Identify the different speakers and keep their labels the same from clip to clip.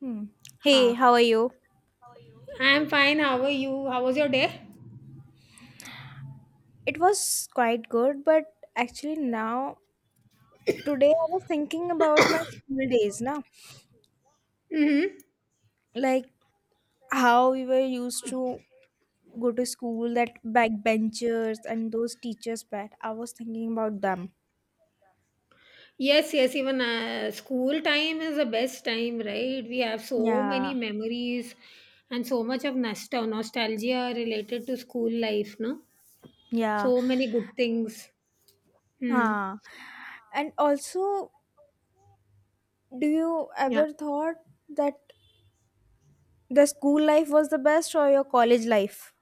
Speaker 1: Hmm. Hey, how
Speaker 2: Ha.
Speaker 1: are you?
Speaker 2: I'm fine. How are you? How was your day?
Speaker 1: It was quite good, but actually now today I was thinking about my school days, na?
Speaker 2: Mm-hmm.
Speaker 1: Like how we were used to go to school, that backbenchers and those teachers pet. I was thinking about them.
Speaker 2: Yes, yes. Even school time is the best time, right? We have so
Speaker 1: Yeah,
Speaker 2: many memories and so much of nostalgia related to school life, no?
Speaker 1: yeah.
Speaker 2: So many good things. Hmm.
Speaker 1: Ah, and also, do you
Speaker 2: Yeah.
Speaker 1: ever thought that the school life was the best or your college life?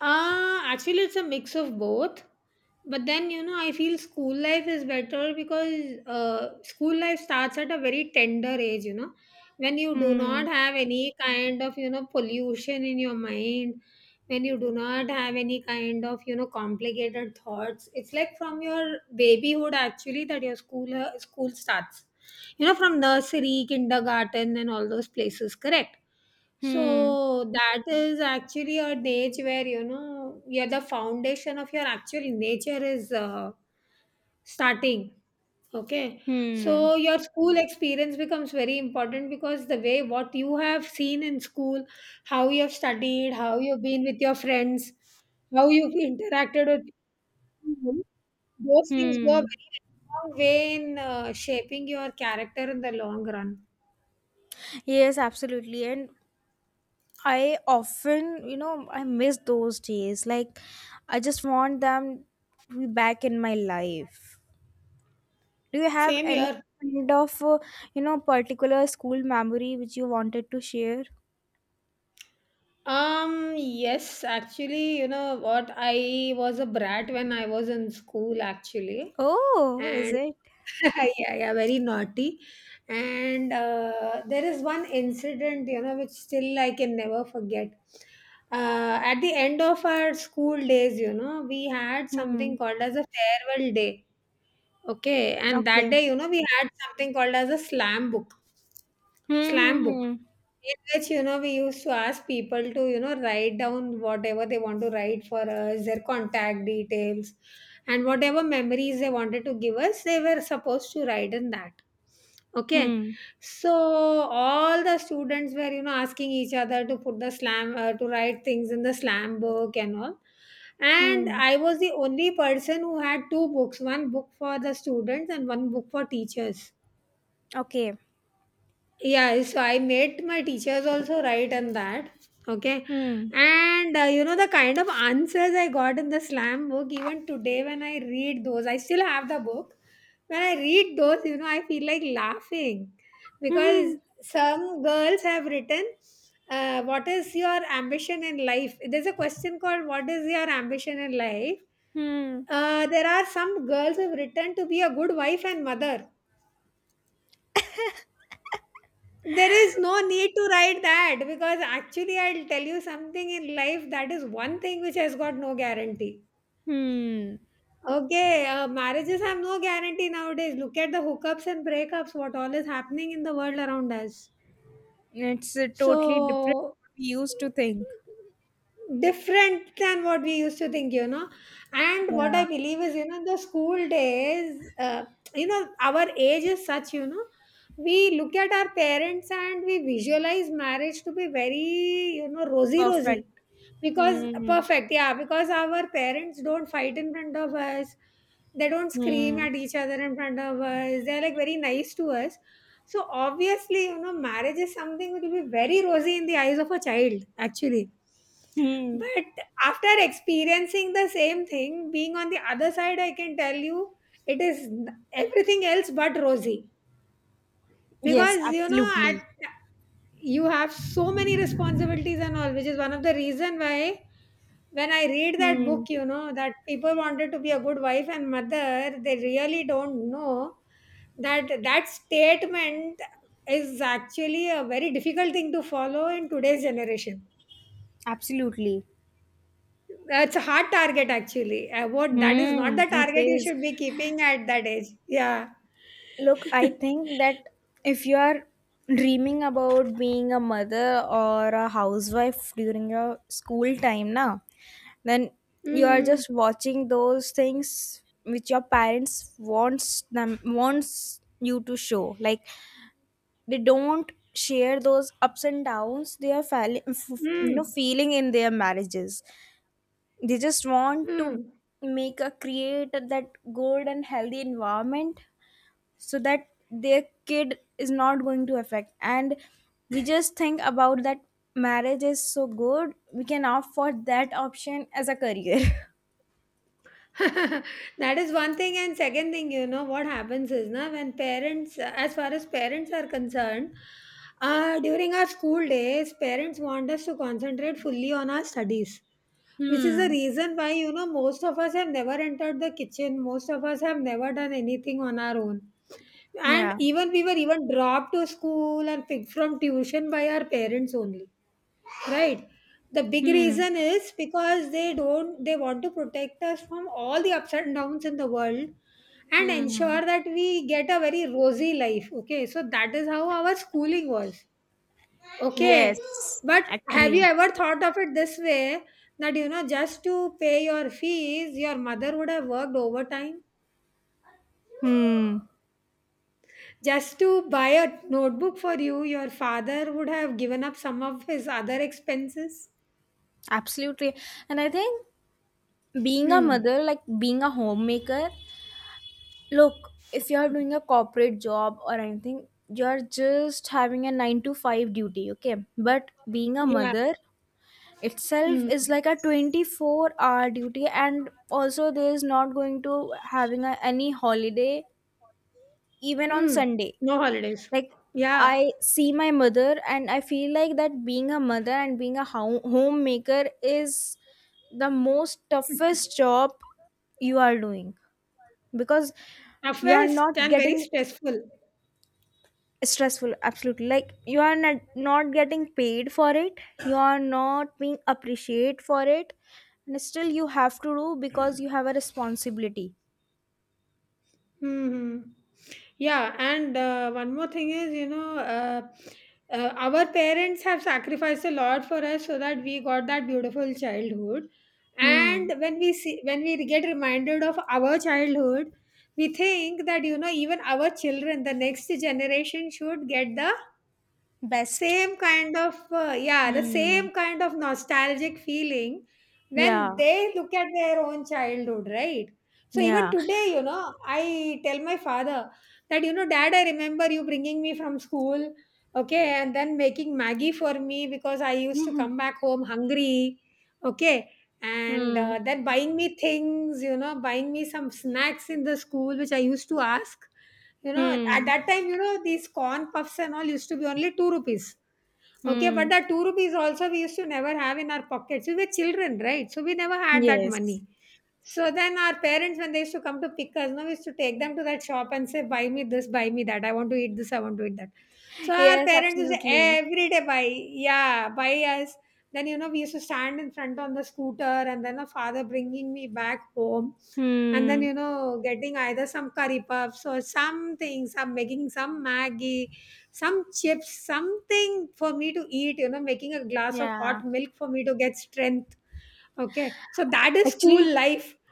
Speaker 2: Actually, it's a mix of both. But then, you know, I feel school life is better because school life starts at a very tender age, you know, when you do
Speaker 1: Hmm.
Speaker 2: not have any kind of, you know, pollution in your mind, when you do not have any kind of, you know, complicated thoughts. It's like from your babyhood, actually, that your school starts, you know, from nursery, kindergarten, and all those places, correct?
Speaker 1: Hmm.
Speaker 2: So that is actually a age where, you know, yeah, the foundation of your actual nature is starting. Okay,
Speaker 1: Hmm.
Speaker 2: so your school experience becomes very important because the way what you have seen in school, how you have studied, how you've been with your friends, how you've interacted with people, those things go a
Speaker 1: Hmm.
Speaker 2: very long way in shaping your character in the long run.
Speaker 1: Yes, absolutely. And I often, I miss those days. Like, I just want them to be back in my life. Do you have
Speaker 2: Same
Speaker 1: any
Speaker 2: here.
Speaker 1: kind of, particular school memory which you wanted to share?
Speaker 2: Yes, actually, you know what? I was a brat when I was in school, actually.
Speaker 1: Oh, is
Speaker 2: And
Speaker 1: it?
Speaker 2: yeah, yeah, very naughty. And there is one incident, you know, which still I can never forget. At the end of our school days, you know, we had
Speaker 1: Hmm.
Speaker 2: something called as a farewell day. Okay. And that
Speaker 1: Okay.
Speaker 2: day, you know, we had something called as a slam book. Slam
Speaker 1: Hmm.
Speaker 2: book.
Speaker 1: Hmm.
Speaker 2: In which, you know, we used to ask people to, you know, write down whatever they want to write for us, their contact details, and whatever memories they wanted to give us, they were supposed to write in that. Okay.
Speaker 1: Hmm.
Speaker 2: So all the students were, you know, asking each other to put to write things in the slam book and all.
Speaker 1: Hmm.
Speaker 2: And
Speaker 1: Hmm.
Speaker 2: I was the only person who had two books, one book for the students and one book for teachers.
Speaker 1: Okay.
Speaker 2: Yeah, so I made my teachers also write on that. Okay.
Speaker 1: Hmm.
Speaker 2: And you know the kind of answers I got in the slam book, even today when I read those, I still have the book, when I read those, you know, I feel like laughing because some girls have written, what is your ambition in life. There's a question called what is your ambition in life.
Speaker 1: Hmm.
Speaker 2: There are some girls who have written, to be a good wife and mother. There is no need to write that because actually, I'll tell you something in life, that is one thing which has got no guarantee.
Speaker 1: Hmm. Hmm.
Speaker 2: Okay, marriages have no guarantee nowadays. Look at the hookups and breakups, what all is happening in the world around us,
Speaker 1: It's totally different
Speaker 2: so
Speaker 1: what we used to think.
Speaker 2: different than what we used to think, you know. And what
Speaker 1: Yeah.
Speaker 2: I believe is, you know, the school days, you know our age is such, you know, we look at our parents and we visualize marriage to be very, you know, rosy
Speaker 1: Perfect.
Speaker 2: rosy because
Speaker 1: Hmm.
Speaker 2: perfect. Yeah, because our parents don't fight in front of us, they don't scream
Speaker 1: Hmm.
Speaker 2: at each other in front of us, they're like very nice to us. So obviously, you know, marriage is something that will be very rosy in the eyes of a child, actually.
Speaker 1: Hmm.
Speaker 2: But after experiencing the same thing, being on the other side, I can tell you it is everything else but rosy.
Speaker 1: Yes,
Speaker 2: Because, you know, at,
Speaker 1: absolutely.
Speaker 2: you have so many responsibilities and all, which is one of the reason why when I read that
Speaker 1: Hmm.
Speaker 2: book, you know, that people wanted to be a good wife and mother, they really don't know that that statement is actually a very difficult thing to follow in today's generation.
Speaker 1: Absolutely.
Speaker 2: That's a hard target actually. What, that is not
Speaker 1: Hmm.
Speaker 2: the
Speaker 1: It
Speaker 2: target you
Speaker 1: is.
Speaker 2: should be keeping at that age, yeah.
Speaker 1: Look, I think that if you are dreaming about being a mother or a housewife during your school time now, then you are
Speaker 2: Mm.
Speaker 1: just watching those things which your parents wants you to show. Like, they don't share those ups and downs they are
Speaker 2: Mm.
Speaker 1: feeling in their marriages, they just want to
Speaker 2: Mm.
Speaker 1: make a create that good and healthy environment so that their kid is not going to affect, and we just think about that marriage is so good we can opt for that option as a career.
Speaker 2: That is one thing, and second thing, you know what happens is, now when parents, as far as parents are concerned, during our school days parents want us to concentrate fully on our studies, which is the reason why, you know, most of us have never entered the kitchen, most of us have never done anything on our own. And
Speaker 1: Yeah.
Speaker 2: even we were even dropped to school and picked from tuition by our parents only. Right. The big
Speaker 1: Hmm.
Speaker 2: reason is because they don't, they want to protect us from all the ups and downs in the world and
Speaker 1: Hmm.
Speaker 2: ensure that we get a very rosy life. Okay. So that is how our schooling was. Okay.
Speaker 1: Yes,
Speaker 2: But have you
Speaker 1: actually.
Speaker 2: ever thought of it this way, that, you know, just to pay your fees your mother would have worked overtime,
Speaker 1: Hmm.
Speaker 2: just to buy a notebook for you your father would have given up some of his other expenses.
Speaker 1: Absolutely. And I think being a mother,
Speaker 2: Hmm.
Speaker 1: like being a homemaker. Look, if you're doing a corporate job or anything, you're just having a 9 to 5 duty, okay? But being a
Speaker 2: Yeah.
Speaker 1: mother itself
Speaker 2: Hmm.
Speaker 1: is like a 24-hour duty and also there's not going to having a, any holiday even on
Speaker 2: Hmm.
Speaker 1: Sunday.
Speaker 2: No holidays.
Speaker 1: Like,
Speaker 2: Yeah.
Speaker 1: I see my mother and I feel like that being a mother and being a homemaker is the most toughest job you are doing because you are
Speaker 2: Toughest
Speaker 1: not
Speaker 2: and very
Speaker 1: getting
Speaker 2: stressful.
Speaker 1: stressful absolutely, like you are not getting paid for it, you are not being appreciated for it, and still you have to do because you have a responsibility.
Speaker 2: Hmm, hmm. Yeah, and one more thing is, you know, our parents have sacrificed a lot for us so that we got that beautiful childhood.
Speaker 1: Hmm.
Speaker 2: And when we see, when we get reminded of our childhood, we think that, you know, even our children, the next generation should get the,
Speaker 1: Best.
Speaker 2: Yeah, the
Speaker 1: Hmm.
Speaker 2: same kind of nostalgic feeling when
Speaker 1: Yeah.
Speaker 2: they look at their own childhood, right? So even
Speaker 1: Yeah.
Speaker 2: today, you know, I tell my father that, you know, dad, I remember you bringing me from school, okay, and then making Maggie for me because I used to
Speaker 1: Hmm.
Speaker 2: come back home hungry, okay, and
Speaker 1: Hmm.
Speaker 2: then buying me things, you know, buying me some snacks in the school, which I used to ask. You know, at
Speaker 1: Hmm.
Speaker 2: that time, you know, these corn puffs and all used to be only 2 rupees. Okay, but
Speaker 1: Hmm.
Speaker 2: that 2 rupees also we used to never have in our pockets. We were children, right? So we never had that
Speaker 1: Yes.
Speaker 2: money. So then our parents, when they used to come to pick us, no, we used to take them to that shop and say, buy me this, buy me that. I want to eat this, I want to eat that. So our
Speaker 1: Yes,
Speaker 2: parents used to
Speaker 1: absolutely.
Speaker 2: every day buy, yeah, buy us. Then, you know, we used to stand in front on the scooter and then a father bringing me back home. And then,
Speaker 1: Hmm.
Speaker 2: you know, getting either some curry puffs or something, some making some Maggie, some chips, something for me to eat, you know, making a glass of
Speaker 1: Yeah,
Speaker 2: hot milk for me to get strength. Okay. So that is school
Speaker 1: actually.
Speaker 2: life.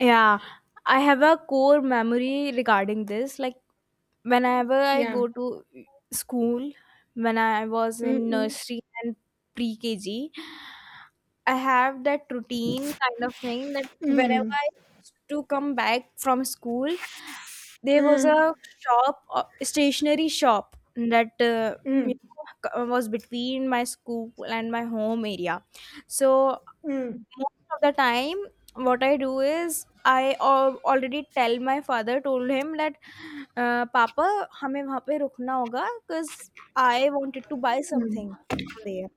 Speaker 1: Yeah, I have a core memory regarding this. Like, whenever I
Speaker 2: Yeah.
Speaker 1: go to school, when I was in
Speaker 2: Mm-mm.
Speaker 1: nursery and pre KG, I have that routine kind of thing that whenever
Speaker 2: Mm.
Speaker 1: I used to come back from school, there was
Speaker 2: Mm. Mm.
Speaker 1: a shop, stationery shop that you
Speaker 2: Mm.
Speaker 1: was between my school and my home area. So
Speaker 2: Mm.
Speaker 1: most of the time what I do is I already tell my father, told him that papa हमें वहाँ पे रुकना होगा because I wanted to buy something from there,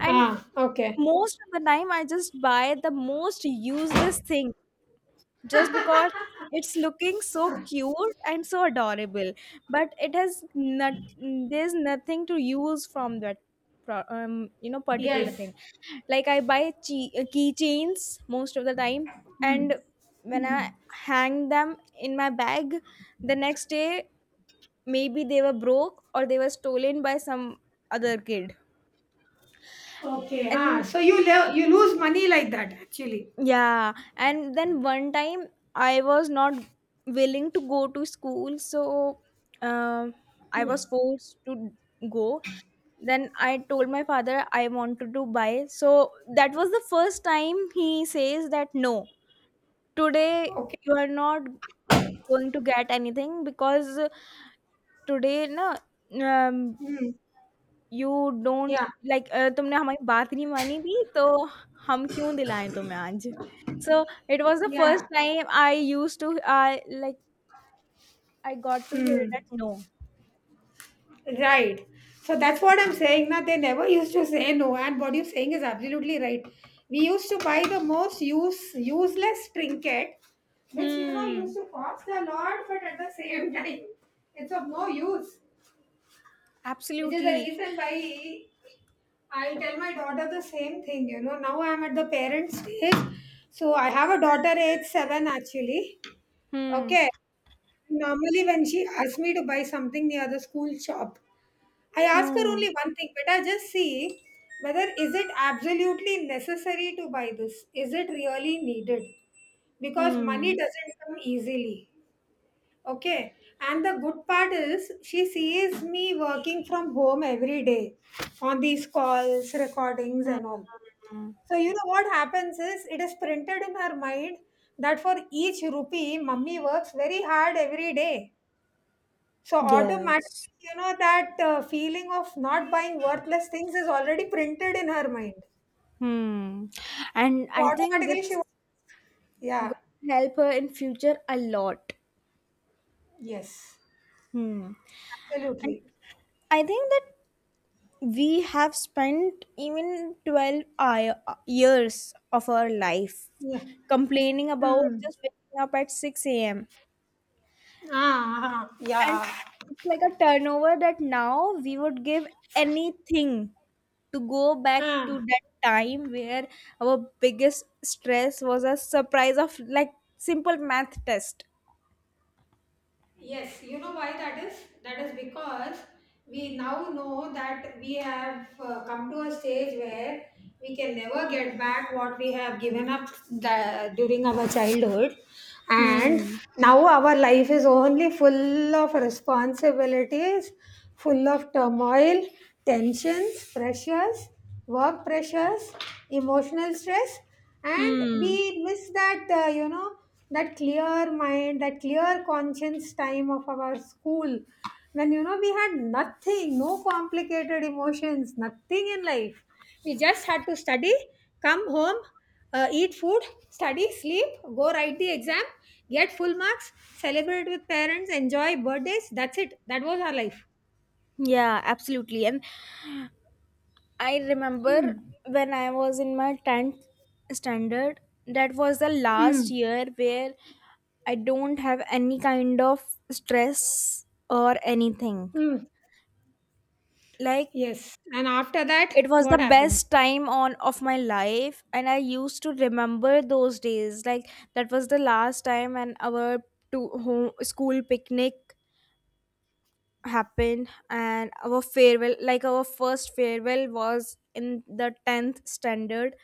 Speaker 1: and
Speaker 2: Ah, okay.
Speaker 1: most of the time I just buy the most useless thing just because it's looking so cute and so adorable, but it has not, there's nothing to use from that pro- um, particular
Speaker 2: Yes.
Speaker 1: thing. Like, I buy keychains most of the time, and when I hang them in my bag the next day maybe they were broke or they were stolen by some other kid.
Speaker 2: Okay. Ah,
Speaker 1: And
Speaker 2: so you you lose money like that actually.
Speaker 1: yeah, and then one time I was not willing to go to school so um I was forced to go. Then I told my father I wanted to buy, so that was the first time he says that no, today
Speaker 2: Okay.
Speaker 1: you are not going to get anything because today ना, um,
Speaker 2: Mm.
Speaker 1: you don't
Speaker 2: Yeah.
Speaker 1: like, तुमने हमारी बात नहीं मानी थी तो हम क्यों दिलाएं तुम्हें आज. So it was the first
Speaker 2: Yeah.
Speaker 1: time I used to, I like I got to hear that
Speaker 2: Mm.
Speaker 1: no.
Speaker 2: Right. So that's what I'm saying. Now they never used to say no, and what you're saying is absolutely right. We used to buy the most useless trinket, which, you know, used
Speaker 1: Hmm.
Speaker 2: to cost a lot, but at the same time, it's of no use. Which is the
Speaker 1: Absolutely.
Speaker 2: reason why I tell my daughter the same thing. You know, now I'm at the parent stage. So I have a daughter age 7 actually.
Speaker 1: Hmm.
Speaker 2: Okay. Normally, when she asks me to buy something near the school shop, I ask her
Speaker 1: Hmm.
Speaker 2: only one thing, but I just see, whether is it absolutely necessary to buy this? Is it really needed? Because money
Speaker 1: Hmm.
Speaker 2: doesn't come easily. Okay. And the good part is she sees me working from home every day on these calls, recordings,
Speaker 1: Hmm.
Speaker 2: and all.
Speaker 1: Hmm.
Speaker 2: So, you know what happens is, it is printed in her mind that for each rupee, mummy works very hard every day. So, automatically,
Speaker 1: Yes.
Speaker 2: you know, that feeling of not buying worthless things is already printed in her mind.
Speaker 1: Hmm. And
Speaker 2: So,
Speaker 1: I think
Speaker 2: automatically, she,
Speaker 1: that's going
Speaker 2: yeah,
Speaker 1: to help her in future a lot.
Speaker 2: yes,
Speaker 1: Hmm. And
Speaker 2: absolutely.
Speaker 1: I think that we have spent even 12 I years of our life
Speaker 2: Yeah.
Speaker 1: complaining about
Speaker 2: Hmm.
Speaker 1: just waking up at 6 a.m.
Speaker 2: Ah, ah,
Speaker 1: And
Speaker 2: yeah.
Speaker 1: it's like a turnover that now we would give anything to go back to
Speaker 2: Ah.
Speaker 1: that time where our biggest stress was a surprise of like simple math test.
Speaker 2: Yes, you know why that is? That is because we now know that we have come to a stage where we can never get back what we have given up during our childhood. And
Speaker 1: Hmm.
Speaker 2: now our life is only full of responsibilities, full of turmoil, tensions, pressures, work pressures, emotional stress, and
Speaker 1: Hmm.
Speaker 2: we miss that you know, that clear mind, that clear conscience time of our school, when, you know, we had nothing, no complicated emotions, nothing in life. We just had to study, come home, eat food, study, sleep, go write the exam, get full marks, celebrate with parents, enjoy birthdays. That's it, that was our life.
Speaker 1: Yeah, absolutely. And I remember
Speaker 2: Hmm.
Speaker 1: when I was in my 10th standard, that was the
Speaker 2: Hmm.
Speaker 1: last year where I don't have any kind of stress or anything.
Speaker 2: Mm.
Speaker 1: Like,
Speaker 2: Yes, and after that,
Speaker 1: it was the
Speaker 2: what happened?
Speaker 1: best time on of my life and I used to remember those days. Like, that was the last time and our to home school picnic happened and our farewell, like our first farewell was in the 10th standard,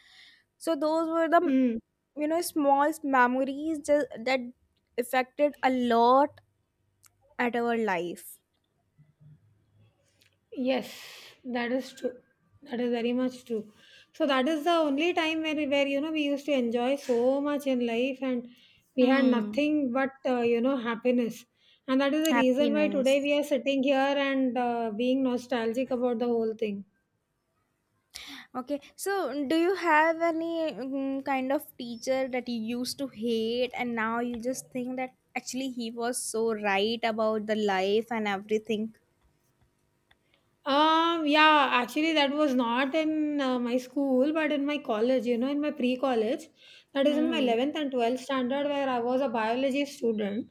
Speaker 1: so those were the
Speaker 2: Hmm.
Speaker 1: you know small memories just, that affected a lot at our life.
Speaker 2: Yes, that is true. That is very much true. So that is the only time where where, you know, we used to enjoy so much in life, and we had
Speaker 1: Hmm.
Speaker 2: nothing but you know, happiness. And that is the reason why
Speaker 1: Happiness.
Speaker 2: today we are sitting here and being nostalgic about the whole thing.
Speaker 1: Okay, so do you have any kind of teacher that you used to hate and now you just think that actually he was so right about the life and everything?
Speaker 2: Yeah, actually, that was not in my school, but in my college, you know, in my pre college, that is in my
Speaker 1: Hmm.
Speaker 2: 11th and 12th standard, where I was a biology student.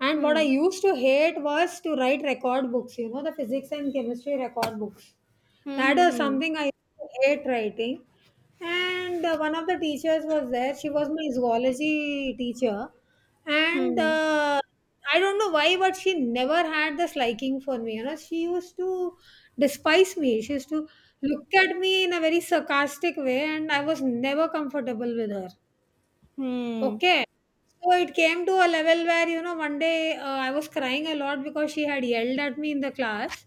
Speaker 2: And what I
Speaker 1: Hmm.
Speaker 2: used to hate was to write record books, you know, the physics and chemistry record books.
Speaker 1: Hmm.
Speaker 2: That
Speaker 1: Hmm.
Speaker 2: is
Speaker 1: Hmm.
Speaker 2: something I used to hate writing. And one of the teachers was there, she was my zoology teacher. And
Speaker 1: Hmm.
Speaker 2: I don't know why, but she never had this liking for me. You know, she used to despise me. She used to look at me in a very sarcastic way, and I was never comfortable with her.
Speaker 1: Hmm.
Speaker 2: Okay. So it came to a level where, you know, one day I was crying a lot because she had yelled at me in the class.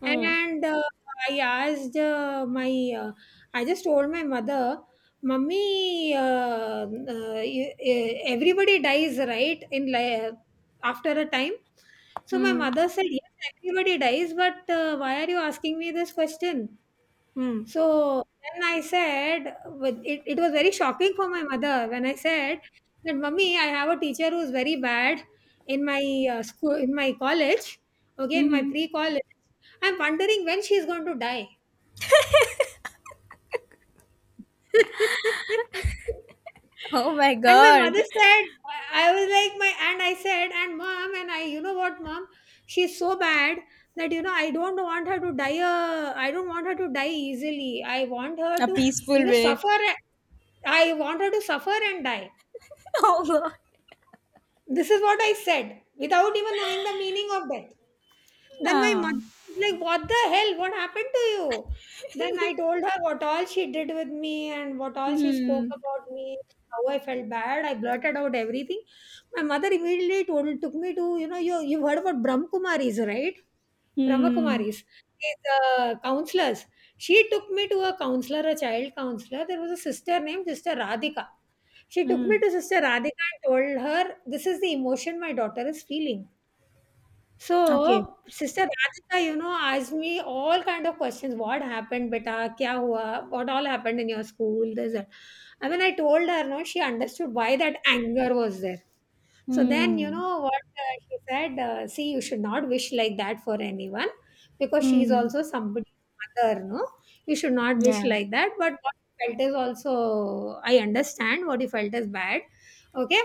Speaker 1: Hmm.
Speaker 2: And I asked uh, my, uh, I just told my mother, Mummy, everybody dies, right? After a time. So my
Speaker 1: Hmm.
Speaker 2: mother said, Yes, everybody dies, but why are you asking me this question?
Speaker 1: Hmm.
Speaker 2: So then I said, with it was very shocking for my mother when I said that, Mummy, I have a teacher who's very bad in my school, in my college, okay, in my
Speaker 1: Mhm.
Speaker 2: pre college. I'm wondering when she's going to die. And
Speaker 1: Oh my
Speaker 2: my
Speaker 1: God.
Speaker 2: mother said, I was like my and I said and mom and I you know what, mom, she's so bad that, you know, I don't want her to die. I don't want her to die easily. I want her
Speaker 1: A
Speaker 2: to, you
Speaker 1: peaceful
Speaker 2: know,
Speaker 1: way.
Speaker 2: suffer. I want her to suffer and die.
Speaker 1: Oh God.
Speaker 2: This is what I said without even knowing the meaning of death. Then my
Speaker 1: Yeah.
Speaker 2: mother was like, What the hell? What happened to you? Then I told her what all she did with me and what all she spoke
Speaker 1: Hmm.
Speaker 2: about me, how I felt bad. I blurted out everything. My mother immediately told took me to, you know, you, you've heard about Brahmakumaris, right?
Speaker 1: Hmm.
Speaker 2: Brahmakumaris, these counselors. She took me to a counselor, a child counselor. There was a sister named Sister Radhika. She took me
Speaker 1: Hmm.
Speaker 2: to Sister Radhika and told her, This is the emotion my daughter is feeling.
Speaker 1: Okay.
Speaker 2: So, Sister Radhika, you know, asked me all kind of questions. What happened, beta? Kya hua? What all happened in your school? This, that. And when I told her, no, she understood why that anger was there. So then, you
Speaker 1: Hmm.
Speaker 2: know what she said? See, you should not wish like that for anyone because she is
Speaker 1: Hmm.
Speaker 2: also somebody's mother, no? You should not wish
Speaker 1: Yeah.
Speaker 2: like that. But what you felt is also, I understand what you felt is bad. Okay.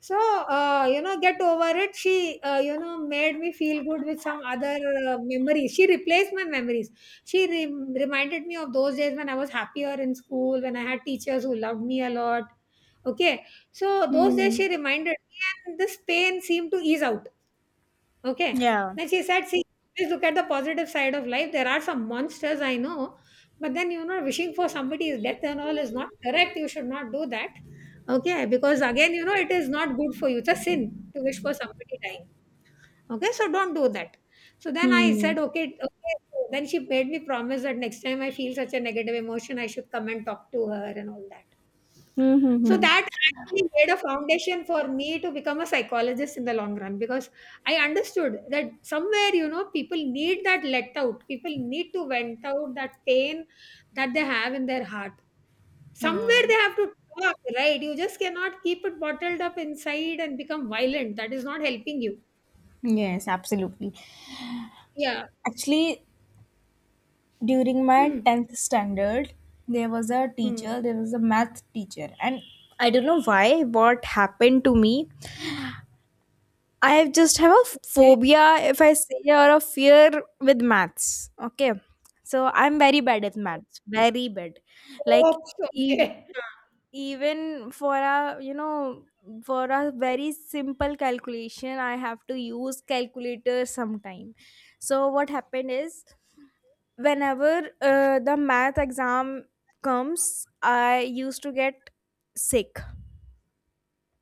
Speaker 2: So, you know, get over it. You know, made me feel good with some other memories. She replaced my memories. She re- Reminded me of those days when I was happier in school, when I had teachers who loved me a lot. Okay. So, those days
Speaker 1: Hmm.
Speaker 2: she reminded me, and this pain seemed to ease out. Okay.
Speaker 1: Yeah.
Speaker 2: Then she said, see, please look at the positive side of life. There are some monsters, I know, but then, you know, wishing for somebody's death and all is not correct. You should not do that. Okay. Because again, you know, it is not good for you. It's a sin to wish for somebody dying. Okay, so don't do that. So then I
Speaker 1: Hmm.
Speaker 2: said, okay, okay. So then she made me promise that next time I feel such a negative emotion, I should come and talk to her and all that.
Speaker 1: Hmm. Hmm.
Speaker 2: So
Speaker 1: Hmm.
Speaker 2: that actually made a foundation for me to become a psychologist in the long run because I understood that somewhere, you know, people need that let out. People need to vent out that pain that they have in their heart. Somewhere they have to talk, right? You just cannot keep it bottled up inside and become violent. That is not helping you.
Speaker 1: Yes, absolutely.
Speaker 2: Yeah.
Speaker 1: Actually, during my
Speaker 2: Hmm.
Speaker 1: 10th standard, there was a
Speaker 2: Hmm.
Speaker 1: teacher, there was a math teacher, and I don't know why what happened to me. I just have a
Speaker 2: Okay.
Speaker 1: phobia, if I say, or a fear with maths. Okay. So I'm very bad at maths. Very bad. Like,
Speaker 2: Oops,
Speaker 1: e-
Speaker 2: okay.
Speaker 1: even for a, you know, for a very simple calculation, I have to use calculator sometime. So what happened is, whenever the math exam comes, I used to get sick,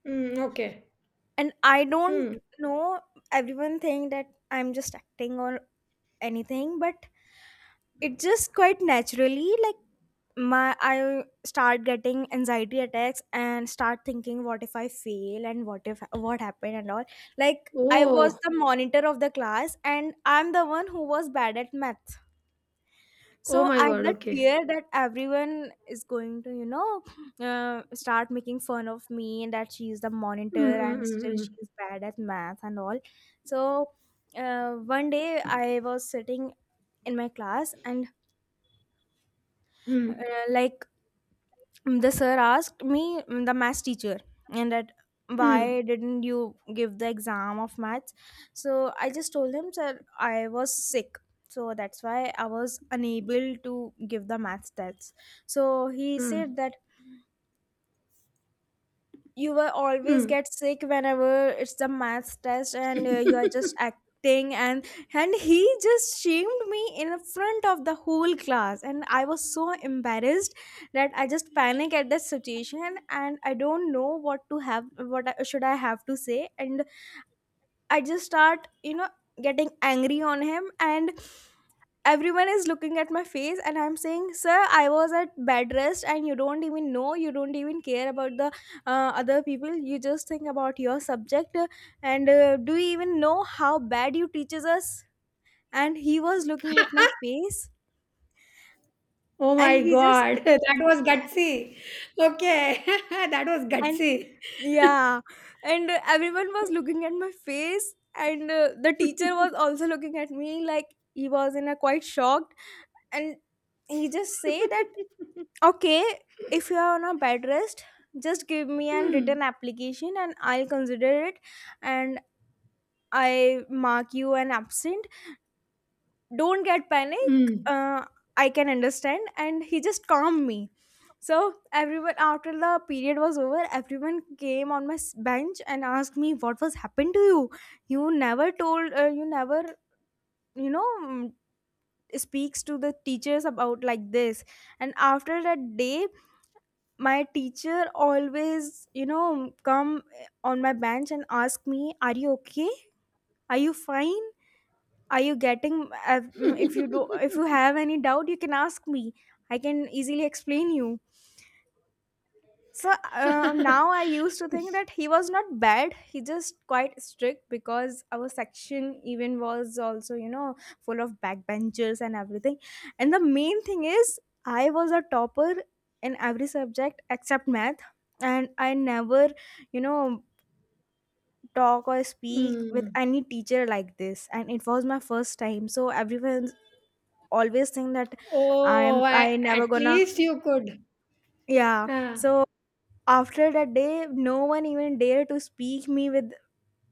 Speaker 2: Mm, okay.
Speaker 1: and I don't
Speaker 2: Mm.
Speaker 1: know, everyone think that I'm just acting or anything, but it just quite naturally like my I start getting anxiety attacks and start thinking what if I fail and what if what happened and all. Like, I was
Speaker 2: Oh.
Speaker 1: the monitor of the class and I'm the one who was bad at math,
Speaker 2: Oh
Speaker 1: so
Speaker 2: my
Speaker 1: I have
Speaker 2: God.
Speaker 1: that
Speaker 2: Okay.
Speaker 1: fear that everyone is going to, you know, start making fun of me and that she's the
Speaker 2: Mm,
Speaker 1: monitor and still
Speaker 2: mm,
Speaker 1: she's bad at math and all. So one day I was sitting in my class and
Speaker 2: mm, mm.
Speaker 1: uh,
Speaker 2: Mm,
Speaker 1: like the sir asked me, the maths teacher, and that
Speaker 2: mm,
Speaker 1: why didn't you give the exam of maths? So I just told him, sir, I was sick, so that's why I was unable to give the maths test. So he
Speaker 2: mm, mm.
Speaker 1: said that you will always
Speaker 2: Mm.
Speaker 1: get sick whenever it's the math test, and you are just acting. And he just shamed me in front of the whole class and I was so embarrassed that I just panic at the situation, and I don't know what to have should I have to say, and I just start getting angry on him, and everyone is looking at my face and I'm saying sir I was at bed rest and you don't even know, you don't even care about the other people, you just think about your subject, and do you even know how bad you teaches us? And he was looking at my face
Speaker 2: Oh
Speaker 1: and
Speaker 2: my
Speaker 1: he just
Speaker 2: God. That was gutsy. Okay. That was
Speaker 1: and
Speaker 2: gutsy.
Speaker 1: yeah, and everyone was looking at my face, and the teacher was also looking at me like he was in a quite shocked, and he just say that, okay, if you are on a bed rest, just give me an written
Speaker 2: Mm,
Speaker 1: application and I'll consider it, and I mark you an absent. Don't get panic.
Speaker 2: mm.
Speaker 1: I can understand. And he just calmed me. So everyone after the period was over, everyone came on my bench and asked me what was happened to you. You never told. You never you know mm, speaks to the teachers about like this. And after that day, my teacher always come on my bench and ask me are you okay, are you fine, are you getting if you do, if you have any doubt you can ask me, I can easily explain you. So now I used to think that he was not bad, he just quite strict because our section even was also full of backbenchers and everything. And the main thing is I was a topper in every subject except math, and I never you know talk or speak with
Speaker 2: Mm.
Speaker 1: any teacher like this and it was my first time, so everyone always think that
Speaker 2: Oh, I,
Speaker 1: I
Speaker 2: at
Speaker 1: never gonna,
Speaker 2: least you could.
Speaker 1: yeah.
Speaker 2: Huh.
Speaker 1: So after that day no one even dared to speak me with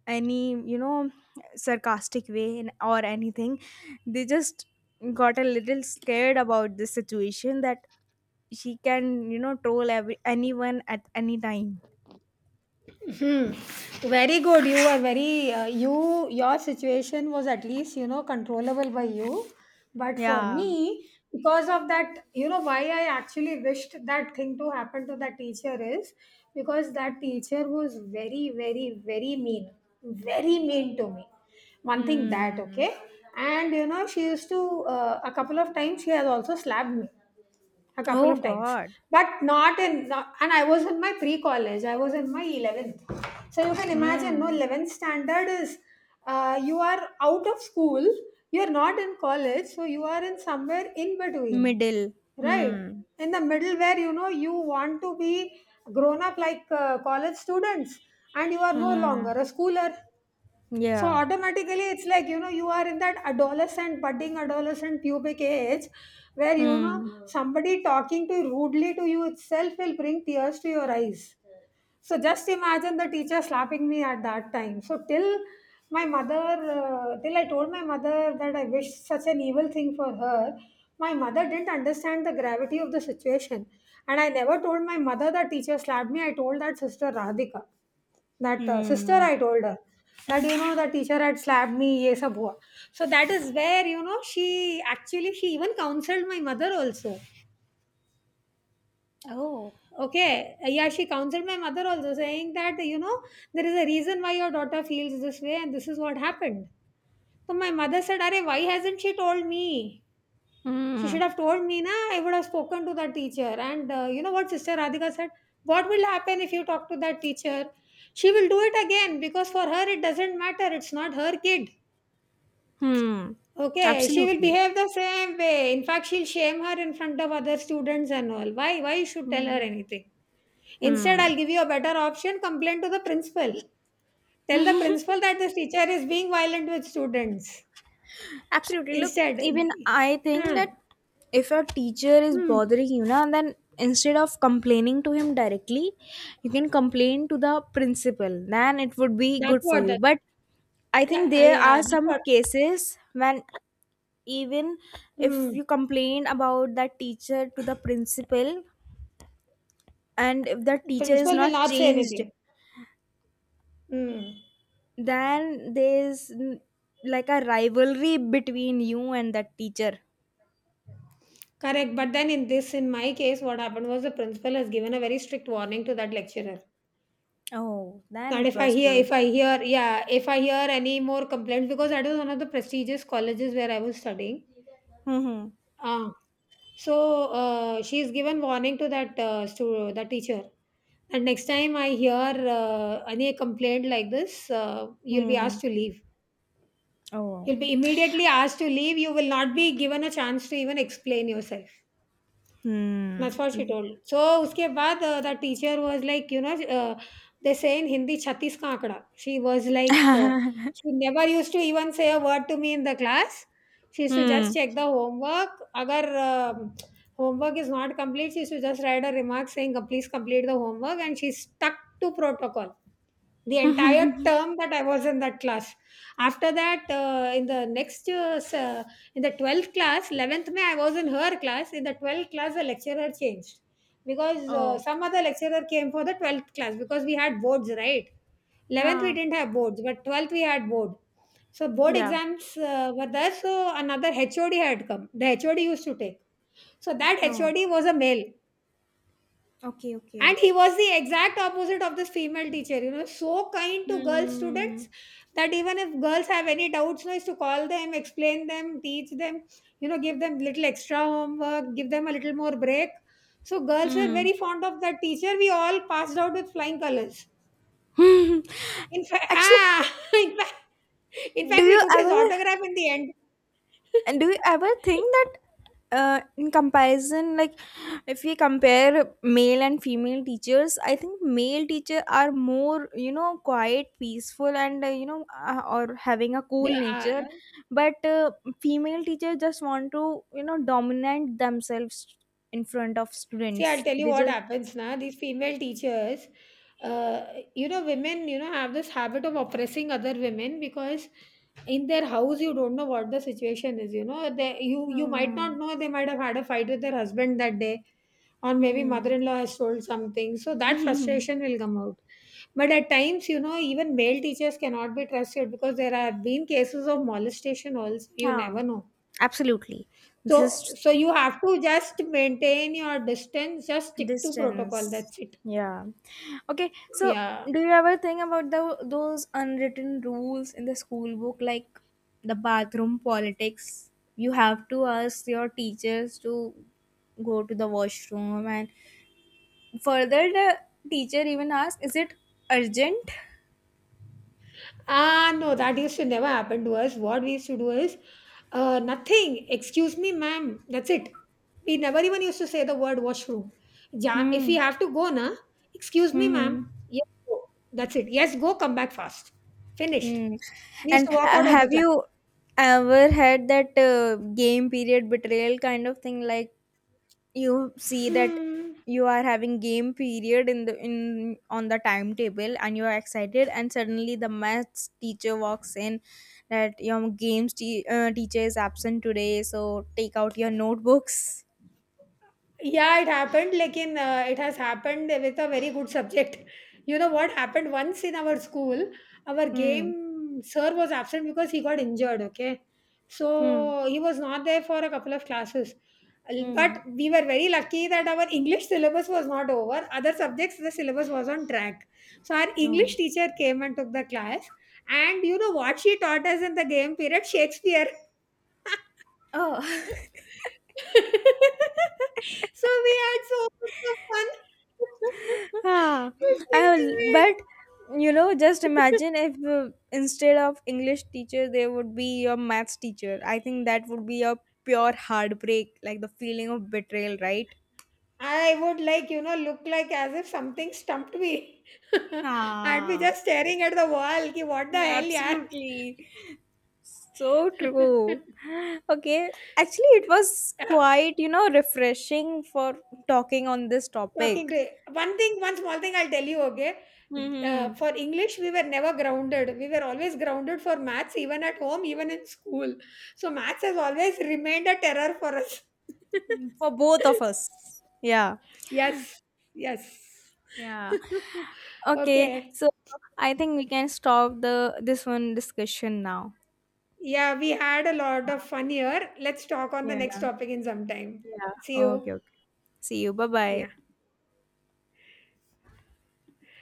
Speaker 1: any sarcastic way and or anything, they just got a little scared about this situation that she can you know troll every anyone at any time.
Speaker 2: Hmm. Very good. You are very you. Your situation was at least, you know, controllable by you, but for
Speaker 1: Yeah.
Speaker 2: me, because of that, you know why I actually wished that thing to happen to that teacher is because that teacher was very, very, very mean to me. One thing that
Speaker 1: Hmm.
Speaker 2: okay, and you know she used to, a couple of times she has also slapped me a couple
Speaker 1: Oh
Speaker 2: of times,
Speaker 1: God.
Speaker 2: but not in. Not, and I was in my pre-college. I was in my 11th. So you can imagine, no,
Speaker 1: Hmm.
Speaker 2: 11th standard is, you are out of school. You are not in college, so you are in somewhere in between,
Speaker 1: Middle.
Speaker 2: right?
Speaker 1: Hmm.
Speaker 2: In the middle, where you know you want to be grown up like college students, and you are no
Speaker 1: Hmm.
Speaker 2: longer a schooler, so
Speaker 1: Yeah.
Speaker 2: automatically, it's like you know you are in that adolescent, budding adolescent pubic age, where you
Speaker 1: Hmm.
Speaker 2: know somebody talking to rudely to you itself will bring tears to your eyes. So just imagine the teacher slapping me at that time. So till till I told my mother that I wish such an evil thing for her, my mother didn't understand the gravity of the situation. And I never told my mother that teacher slapped me. I told that Sister Radhika, that sister,
Speaker 1: Hmm.
Speaker 2: I told her that, you know, the teacher had slapped me. Ye sab hua. So that is where you know she even counseled my mother also.
Speaker 1: Oh.
Speaker 2: Okay. Yeah, she counseled my mother also, saying that, you know, there is a reason why your daughter feels this way, and this is what happened. So my mother said, Are, why hasn't she told me? She
Speaker 1: Hmm.
Speaker 2: should have told me, na, I would have spoken to that teacher. And you know what Sister Radhika said? What will happen if you talk to that teacher? She will do it again because for her it doesn't matter. It's not her kid.
Speaker 1: Hmm.
Speaker 2: Okay, she will
Speaker 1: Absolutely.
Speaker 2: behave the same way. In fact, she'll shame her in front of other students and all. Why? Why you should tell her
Speaker 1: Hmm.
Speaker 2: anything? Instead,
Speaker 1: Hmm.
Speaker 2: I'll give you a better option: complain to the principal. Tell the principal that this teacher is being violent with students.
Speaker 1: Absolutely. Look,
Speaker 2: Instead,
Speaker 1: even I think
Speaker 2: huh?
Speaker 1: that if your teacher is
Speaker 2: Hmm.
Speaker 1: bothering you, na, then instead of complaining to him directly, you can complain to the principal. Then it would be
Speaker 2: That's
Speaker 1: good for
Speaker 2: what
Speaker 1: you.
Speaker 2: that.
Speaker 1: But I think
Speaker 2: Yeah,
Speaker 1: there
Speaker 2: yeah,
Speaker 1: are
Speaker 2: that's what.
Speaker 1: some cases when even if
Speaker 2: Hmm.
Speaker 1: you complain about that teacher to the principal, and if the teacher is
Speaker 2: Principal will
Speaker 1: not
Speaker 2: not say
Speaker 1: changed,
Speaker 2: anything. Hmm.
Speaker 1: then there's like a rivalry between you and that teacher.
Speaker 2: Correct. But then, in this, in my case, what happened was the principal has given a very strict warning to that lecturer.
Speaker 1: Oh, then
Speaker 2: And
Speaker 1: it was good.
Speaker 2: if I hear, yeah, if I hear any more complaints, because that was one of the prestigious colleges where I was studying,
Speaker 1: Mhm.
Speaker 2: ah, so she is given warning to that the teacher. And next time I hear any complaint like this, you'll be asked
Speaker 1: Mhm.
Speaker 2: to leave.
Speaker 1: Oh.
Speaker 2: You'll be immediately asked to leave. You will not be given a chance to even explain yourself.
Speaker 1: Hmm.
Speaker 2: That's what she told. So उसके बाद the teacher was like, you know, they say in Hindi, Chhattis ka ankada. She was like, she never used to even say a word to me in the class. She used to just
Speaker 1: Hmm.
Speaker 2: check the homework. Agar homework is not complete, she used to just write a remark saying, please complete the homework." And she stuck to protocol. The entire term that I was in that class. After that, in the 12th class, 11th May, I was in her class. In the 12th class, the lecturer changed because
Speaker 1: Oh.
Speaker 2: some other lecturer came for the 12th class because we had boards, right? 11th, we
Speaker 1: Yeah.
Speaker 2: didn't have boards, but 12th, we had board. So, board
Speaker 1: Yeah.
Speaker 2: exams were there. So, another HOD had come. The HOD used to take. So, that
Speaker 1: Oh.
Speaker 2: HOD was a male,
Speaker 1: Okay. Okay.
Speaker 2: and he was the exact opposite of this female teacher, you know, so kind to girl
Speaker 1: Hmm.
Speaker 2: students that even if girls have any doubts, you know, is to call them, explain them, teach them, you know, give them little extra homework, give them a little more break. So girls were
Speaker 1: Hmm.
Speaker 2: very fond of that teacher. We all passed out with flying colors. in fact,
Speaker 1: Actually,
Speaker 2: ah, in fact, in
Speaker 1: do
Speaker 2: fact, we
Speaker 1: you
Speaker 2: took his
Speaker 1: ever?
Speaker 2: autograph in the end.
Speaker 1: And do you ever think that in comparison, like if we compare male and female teachers, I think male teacher are more, you know, quiet, peaceful, and you know, or having a cool
Speaker 2: They are.
Speaker 1: nature. But female teacher just want to, you know, dominate themselves in front of
Speaker 2: See, I'll
Speaker 1: students.
Speaker 2: tell you
Speaker 1: They
Speaker 2: what
Speaker 1: just,
Speaker 2: happens now. These female teachers, uh, you know, women, you know, have this habit of oppressing other women because in their house you don't know what the situation is. You know, they you you might not
Speaker 1: hmm,
Speaker 2: know, they might have had a fight with their husband that day, or maybe
Speaker 1: hmm.
Speaker 2: mother-in-law has told something, so that frustration will come out. But at times, you know, even male teachers cannot be trusted because there have been cases of molestation also. You
Speaker 1: Yeah,
Speaker 2: never know.
Speaker 1: absolutely. This
Speaker 2: so
Speaker 1: is
Speaker 2: so you have to just maintain your distance, just stick to protocol,
Speaker 1: distance.
Speaker 2: that's it.
Speaker 1: Yeah. Okay, so
Speaker 2: Yeah.
Speaker 1: do you ever think about the, those unwritten rules in the school book, like the bathroom politics? You have to ask your teachers to go to the washroom, and further, the teacher even asks, is it urgent?
Speaker 2: Ah, no, that used to never happen to us. What we used to do is, nothing. Excuse me, ma'am. That's it. We never even used to say the word washroom. Ja, if we
Speaker 1: Hmm.
Speaker 2: have to go, na, excuse me, ma'am.
Speaker 1: Hmm.
Speaker 2: Yes, go. That's it. Yes, go. Come back fast. Finished.
Speaker 1: Hmm.
Speaker 2: We used
Speaker 1: And
Speaker 2: to walk out of the
Speaker 1: have
Speaker 2: class.
Speaker 1: you ever had that game period betrayal kind of thing? Like, you see that
Speaker 2: Hmm.
Speaker 1: you are having game period in the in on the timetable, and you are excited, and suddenly the maths teacher walks in that your teacher is absent today, so take out your notebooks.
Speaker 2: Yeah, it happened. It has happened with a very good subject. You know what happened once in our school? Our
Speaker 1: Hmm.
Speaker 2: game sir was absent because he got injured. Okay,
Speaker 1: Hmm.
Speaker 2: so he was not there for a couple of classes.
Speaker 1: Hmm.
Speaker 2: But we were very lucky that our English syllabus was not over. Other subjects, the syllabus was on track. So our
Speaker 1: Oh.
Speaker 2: English teacher came and took the class. And you know what she taught us in the game period? Shakespeare.
Speaker 1: Oh.
Speaker 2: So we had so much of fun
Speaker 1: Ah. I
Speaker 2: listening to
Speaker 1: will, but you know just
Speaker 2: it.
Speaker 1: imagine if instead of English teacher there would be your maths teacher, I think that would be a pure heartbreak, like the feeling of betrayal, right?
Speaker 2: I would, like, you know, look like as if something stumped me. I'd be
Speaker 1: Ah,
Speaker 2: just staring at the wall, ki what the hell,
Speaker 1: absolutely. So
Speaker 2: yaar?
Speaker 1: true. Okay, actually, it was quite, you know, refreshing for talking on this
Speaker 2: Talking
Speaker 1: topic.
Speaker 2: to, one thing, one small thing, I'll tell you, okay.
Speaker 1: Hmm.
Speaker 2: For English we were never grounded. We were always grounded for maths, even at home, even in school. So maths has always remained a terror for us.
Speaker 1: For both of us. Yeah.
Speaker 2: Yes. Yes.
Speaker 1: Yeah. Okay,
Speaker 2: Okay.
Speaker 1: so I think we can stop the this one discussion now.
Speaker 2: Yeah, we had a lot of fun here. Let's talk on the next
Speaker 1: Yeah.
Speaker 2: topic in some time.
Speaker 1: Yeah.
Speaker 2: See you.
Speaker 1: Okay, okay. See you. Bye-bye.
Speaker 2: Yeah.